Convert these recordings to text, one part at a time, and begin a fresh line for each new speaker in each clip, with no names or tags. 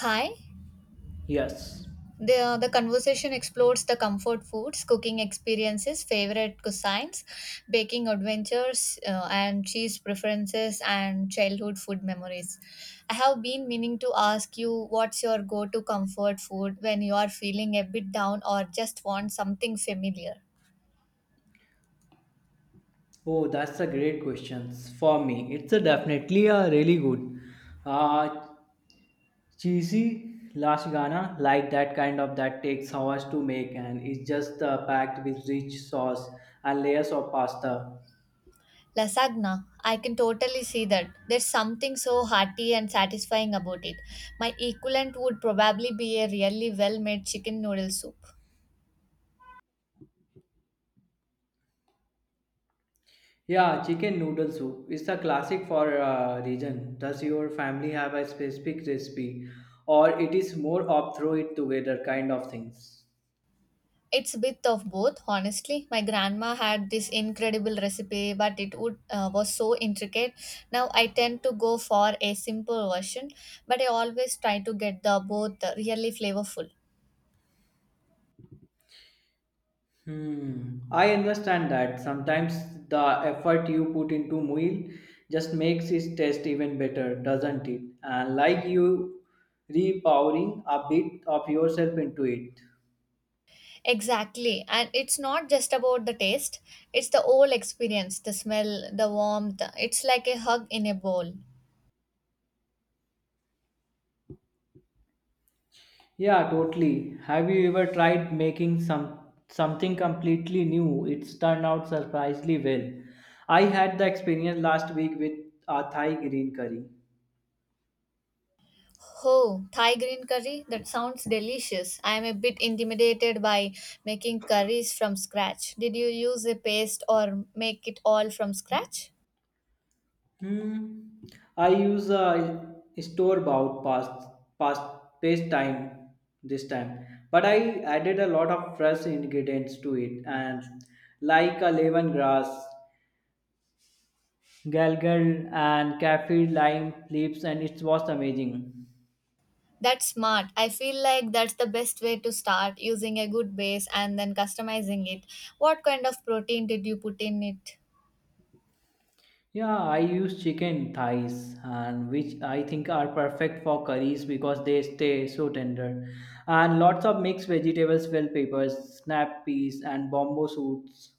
Hi.
Yes.
The conversation explores the comfort foods, cooking experiences, favorite cuisines, baking adventures, and cheese preferences, and childhood food memories. I have been meaning to ask you, what's your go to comfort food when you are feeling a bit down or just want something familiar?
Oh, that's a great question. For me, it's a definitely a really good, uh, cheesy last Ghana like that kind of that takes hours to make, and it's just packed with rich sauce and layers of pasta.
Lasagna. I can totally see that. There's something so hearty and satisfying about it. My equivalent would probably be a really well made chicken noodle soup.
Yeah, chicken noodle soup is a classic for a region. Does your family have a specific recipe, or it is more of throw it together kind of things?
It's a bit of both, honestly. My grandma had this incredible recipe, but it would was so intricate. Now I tend to go for a simple version, but I always try to get the both really flavorful.
Hmm. I understand that. Sometimes the effort you put into meal just makes its taste even better, doesn't it? And like you repowering a bit of yourself into it.
Exactly, and it's not just about the taste; it's the whole experience, the smell, the warmth. It's like a hug in a bowl.
Yeah, totally. Have you ever tried making something completely new? It's turned out surprisingly well. I had the experience last week with a Thai green curry.
Oh, Thai green curry? That sounds delicious. I am a bit intimidated by making curries from scratch. Did you use a paste or make it all from scratch?
Hmm. I use a store-bought past pastime this time, but I added a lot of fresh ingredients to it, and like a lemongrass, galgal, and kaffir lime leaves, and it was amazing.
That's smart. I feel like that's the best way to start, using a good base and then customizing it. What kind of protein did you put in it?
Yeah, I use chicken thighs, and which I think are perfect for curries because they stay so tender, and lots of mixed vegetables, bell peppers, snap peas, and bombo shoots.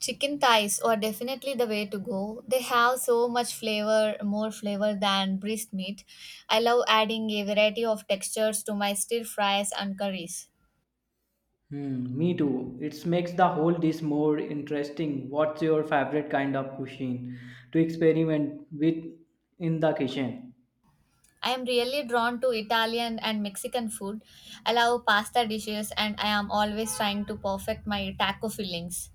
Chicken thighs are definitely the way to go. They have so much flavor, more flavor than breast meat. I love adding a variety of textures to my stir fries and curries.
Hmm, me too. It makes the whole dish more interesting. What's your favorite kind of cuisine to experiment with in the kitchen?
I am really drawn to Italian and Mexican food. I love pasta dishes and I am always trying to perfect my taco fillings.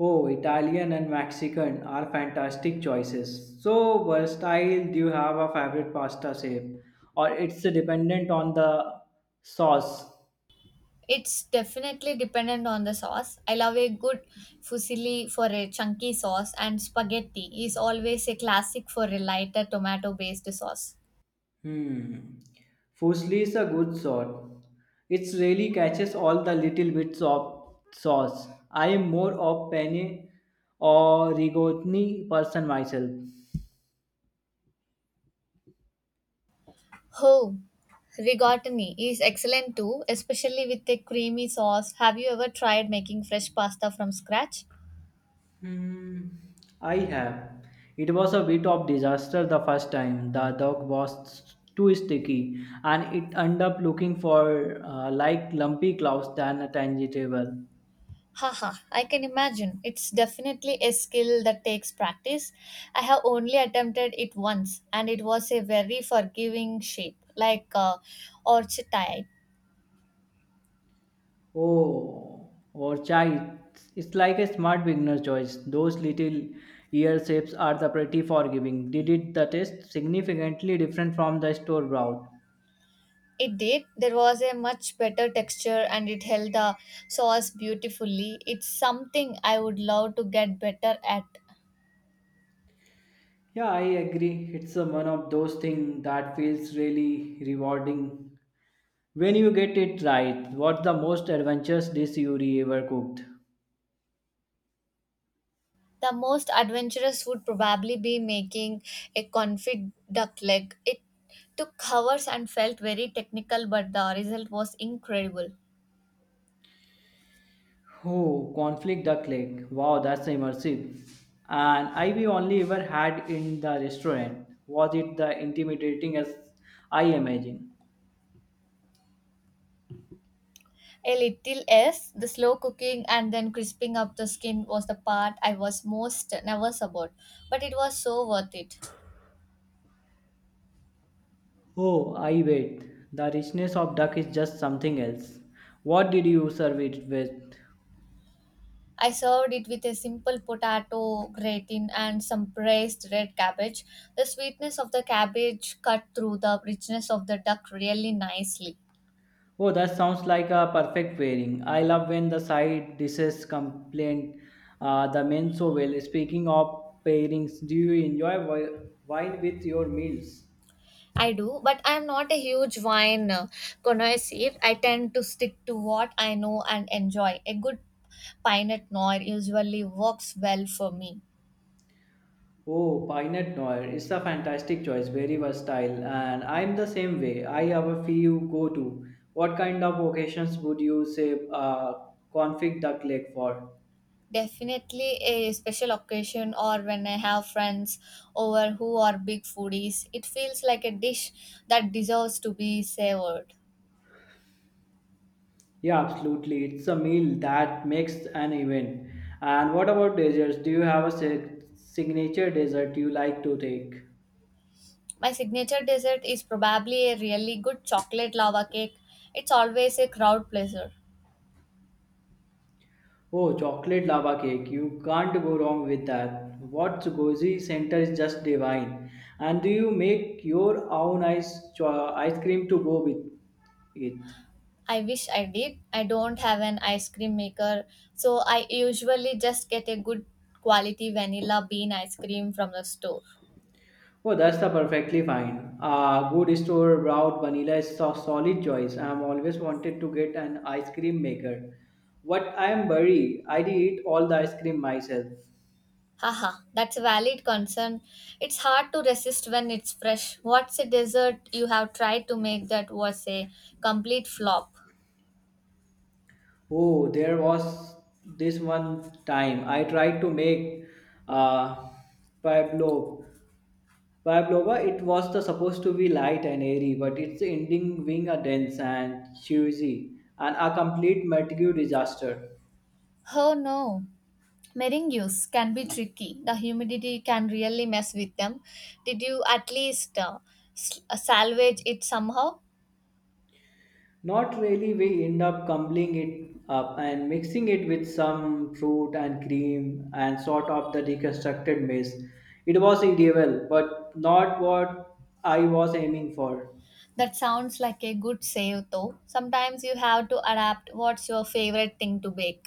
Oh, Italian and Mexican are fantastic choices. So versatile. Do you have a favorite pasta shape, or it's dependent on the sauce?
It's definitely dependent on the sauce. I love a good fusilli for a chunky sauce and spaghetti is always a classic for a lighter tomato based sauce.
Hmm. Firstly, is a good sort. It really catches all the little bits of sauce. I am more of penne or rigatoni person myself.
Oh, rigatoni is excellent too, especially with a creamy sauce. Have you ever tried making fresh pasta from scratch?
Hmm. I have. It was a bit of disaster the first time. The dog was too sticky, and it ended up looking for like lumpy clouds than a tangy table.
Haha, I can imagine. It's definitely a skill that takes practice. I have only attempted it once and it was a very forgiving shape, like orchidite.
Oh, or chai. It's like a smart beginner choice. Those little ear shapes are the pretty forgiving. Did it the taste significantly different from the store broth?
It did. There was a much better texture and it held the sauce beautifully. It's something I would love to get better at.
Yeah, I agree. It's a one of those things that feels really rewarding when you get it right. What's the most adventurous dish you ever cooked?
The most adventurous would probably be making a confit duck leg. It took hours and felt very technical, but the result was incredible.
Oh, Conflict duck leg. Wow, that's immersive. And I we only ever had in the restaurant. Was it the intimidating as I imagine?
A little, yes. The slow cooking and then crisping up the skin was the part I was most nervous about, but it was so worth it.
Oh, I wait. The richness of duck is just something else. What did you serve it with?
I served it with a simple potato gratin and some braised red cabbage. The sweetness of the cabbage cut through the richness of the duck really nicely.
Oh, that sounds like a perfect pairing. I love when the side dishes complain the men so well. Speaking of pairings, do you enjoy wine with your meals?
I do, but I am not a huge wine connoisseur. I tend to stick to what I know and enjoy. A good Pinot Noir usually works well for me.
Oh, Pinot Noir is a fantastic choice, very versatile, and I'm the same way. I have a few go to. What kind of occasions would you say config duck leg for?
Definitely a special occasion or when I have friends over who are big foodies. It feels like a dish that deserves to be savored.
Yeah, absolutely. It's a meal that makes an event. And what about desserts? Do you have a signature dessert you like to take?
My signature dessert is probably a really good chocolate lava cake. It's always a crowd pleaser.
Oh, chocolate lava cake. You can't go wrong with that. What Gozi Center is just divine. And do you make your own ice cream to go with it?
I wish I did. I don't have an ice cream maker, so I usually just get a good quality vanilla bean ice cream from the store.
Oh, that's the perfectly fine. A good store bought vanilla is a solid choice. I'm always wanted to get an ice cream maker. What I'm worried, I did all the ice cream myself.
Haha, that's a valid concern. It's hard to resist when it's fresh. What's a dessert you have tried to make that was a complete flop?
Oh, there was this one time I tried to make uh, Pavlov. Pavlova, it was the, supposed to be light and airy, but its ending being a dense and cheesy and a complete material disaster.
Oh no. Meringues can be tricky. The humidity can really mess with them. Did you at least salvage it somehow?
Not really, we end up crumbling it up and mixing it with some fruit and cream and sort of the reconstructed mess. It was edible, but not what I was aiming for.
That sounds like a good save though. Sometimes you have to adapt. What's your favorite thing to bake?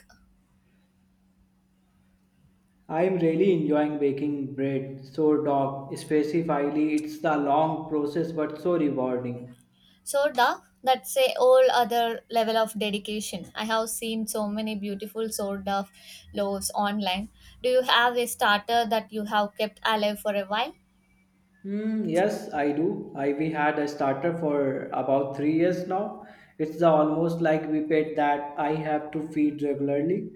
I am really enjoying baking bread, sourdough, specifically. It's the long process but so rewarding.
So, da, that's a whole other level of dedication. I have seen so many beautiful sort of loaves online. Do you have a starter that you have kept alive for a while?
Mm, yes, I do. I we had a starter for about 3 years now. It's the almost like we pet that I have to feed regularly.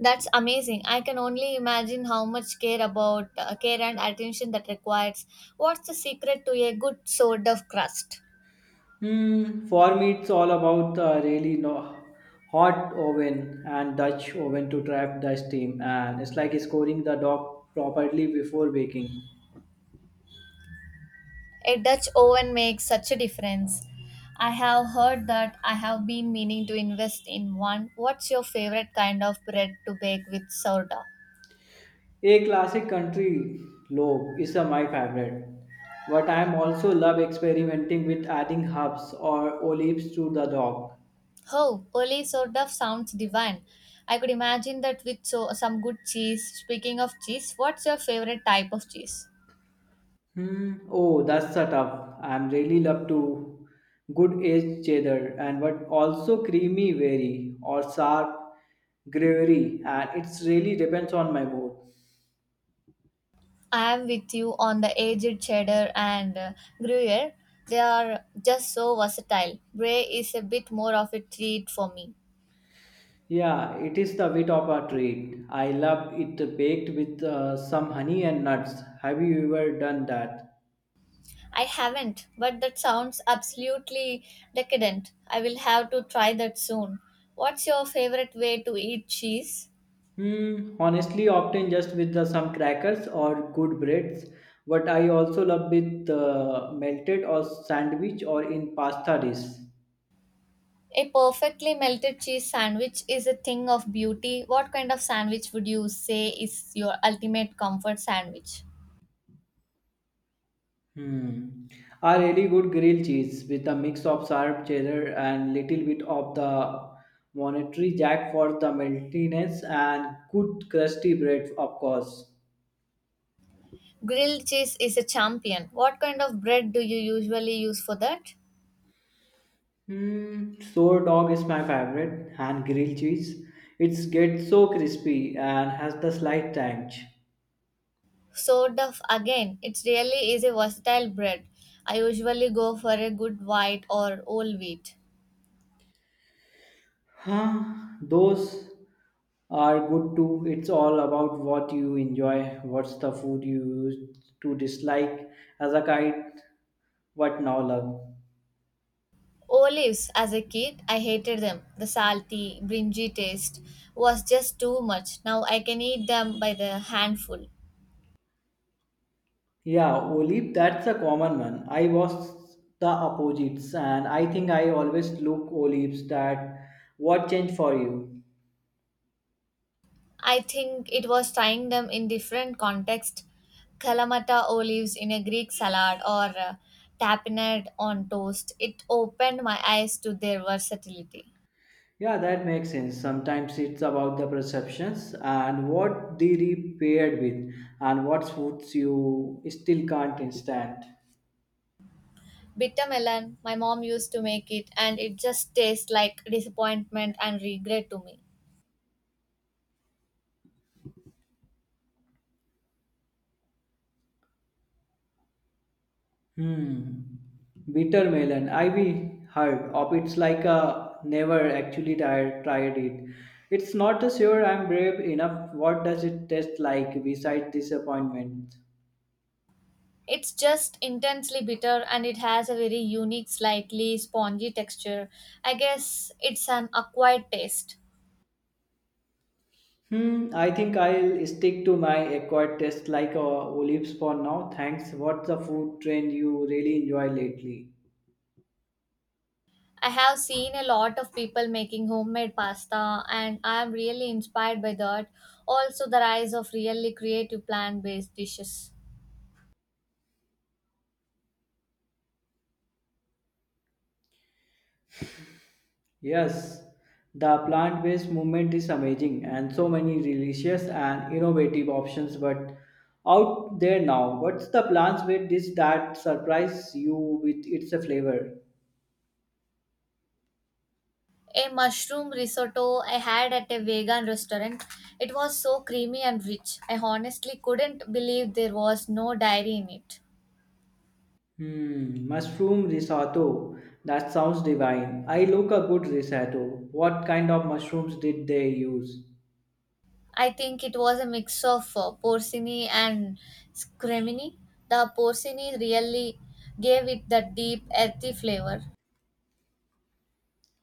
That's amazing. I can only imagine how much care about care and attention that requires. What's the secret to a good sort of crust?
Hmm. For me, it's all about really no hot oven and Dutch oven to trap the steam, and it's like scoring the dough properly before baking.
A Dutch oven makes such a difference. I have heard that. I have been meaning to invest in one. What's your favorite kind of bread to bake with sourdough?
A classic country loaf is a, my favorite, but I am also love experimenting with adding herbs or olives to the dog.
Oh, ole soda sounds divine. I could imagine that with some good cheese. Speaking of cheese, what's your favorite type of cheese?
Hmm. Oh, that's a tough. I am really love to good aged cheddar and but also creamy very or sharp gravery and it's really depends on my mood.
I am with you on the aged cheddar and Gruyere. They are just so versatile. Bray is a bit more of a treat for me.
Yeah, it is the bit of a treat. I love it baked with some honey and nuts. Have you ever done that?
I haven't, but that sounds absolutely decadent. I will have to try that soon. What's your favorite way to eat cheese?
Hmm, honestly, often just with the, some crackers or good breads. But I also love with melted or sandwich or in pasta dish.
A perfectly melted cheese sandwich is a thing of beauty. What kind of sandwich would you say is your ultimate comfort sandwich?
Hmm, a really good grilled cheese with a mix of sharp cheddar and little bit of the monetary jack for the meltiness and good crusty bread, of course.
Grilled cheese is a champion. What kind of bread do you usually use for that?
Hmm, sour dog is my favorite and grilled cheese. It gets so crispy and has the slight tang.
Sourdough again, it really is a versatile bread. I usually go for a good white or whole wheat.
Huh, those are good too. It's all about what you enjoy, what's the food you used to dislike as a kid, what now love.
Olives, as a kid, I hated them. The salty, bringy taste was just too much. Now I can eat them by the handful.
Yeah, olive, that's a common one. I was the opposites, and I think I always look olives that what changed for you.
I think it was trying them in different context. Kalamata olives in a Greek salad or tapenade on toast. It opened my eyes to their versatility.
Yeah, that makes sense. Sometimes it's about the perceptions and what they repaired with, and what foods you still can't stand.
Bitter melon, my mom used to make it and it just tastes like disappointment and regret to me.
Hmm. Bitter melon. I we heard of it's like a never actually tried it. It's not a sure I'm brave enough. What does it taste like besides disappointment?
It's just intensely bitter and it has a very unique, slightly spongy texture. I guess it's an acquired taste.
Hmm. I think I'll stick to my acquired taste like olives for now. Thanks. What's the food trend you really enjoy lately?
I have seen a lot of people making homemade pasta and I am really inspired by that. Also, the rise of really creative plant based dishes.
Yes, the plant based movement is amazing and so many delicious and innovative options but out there now. What's the plant based dish that surprise you with its flavor?
A mushroom risotto I had at a vegan restaurant. It was so creamy and rich. I honestly couldn't believe there was no dairy in it.
Hmm, mushroom risotto. That sounds divine. I look a good risotto. What kind of mushrooms did they use?
I think it was a mix of porcini and scremini. The porcini really gave it that deep, earthy flavor.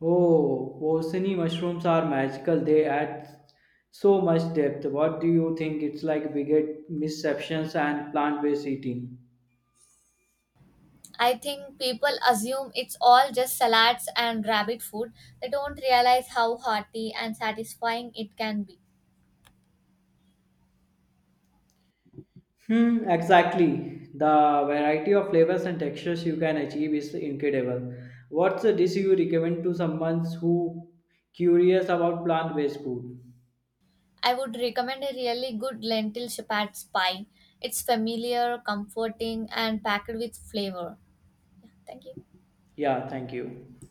Oh, Bosini mushrooms are magical. They add so much depth. What do you think? It's like we get misceptions and plant-based eating.
I think people assume it's all just salads and rabbit food. They don't realize how hearty and satisfying it can be.
Hmm, exactly. The variety of flavors and textures you can achieve is incredible. What's a dish you recommend to someone who curious about plant-based food?
I would recommend a really good lentil shepherd's pie. It's familiar, comforting, and packed with flavor. Yeah, thank you.
Yeah, thank you.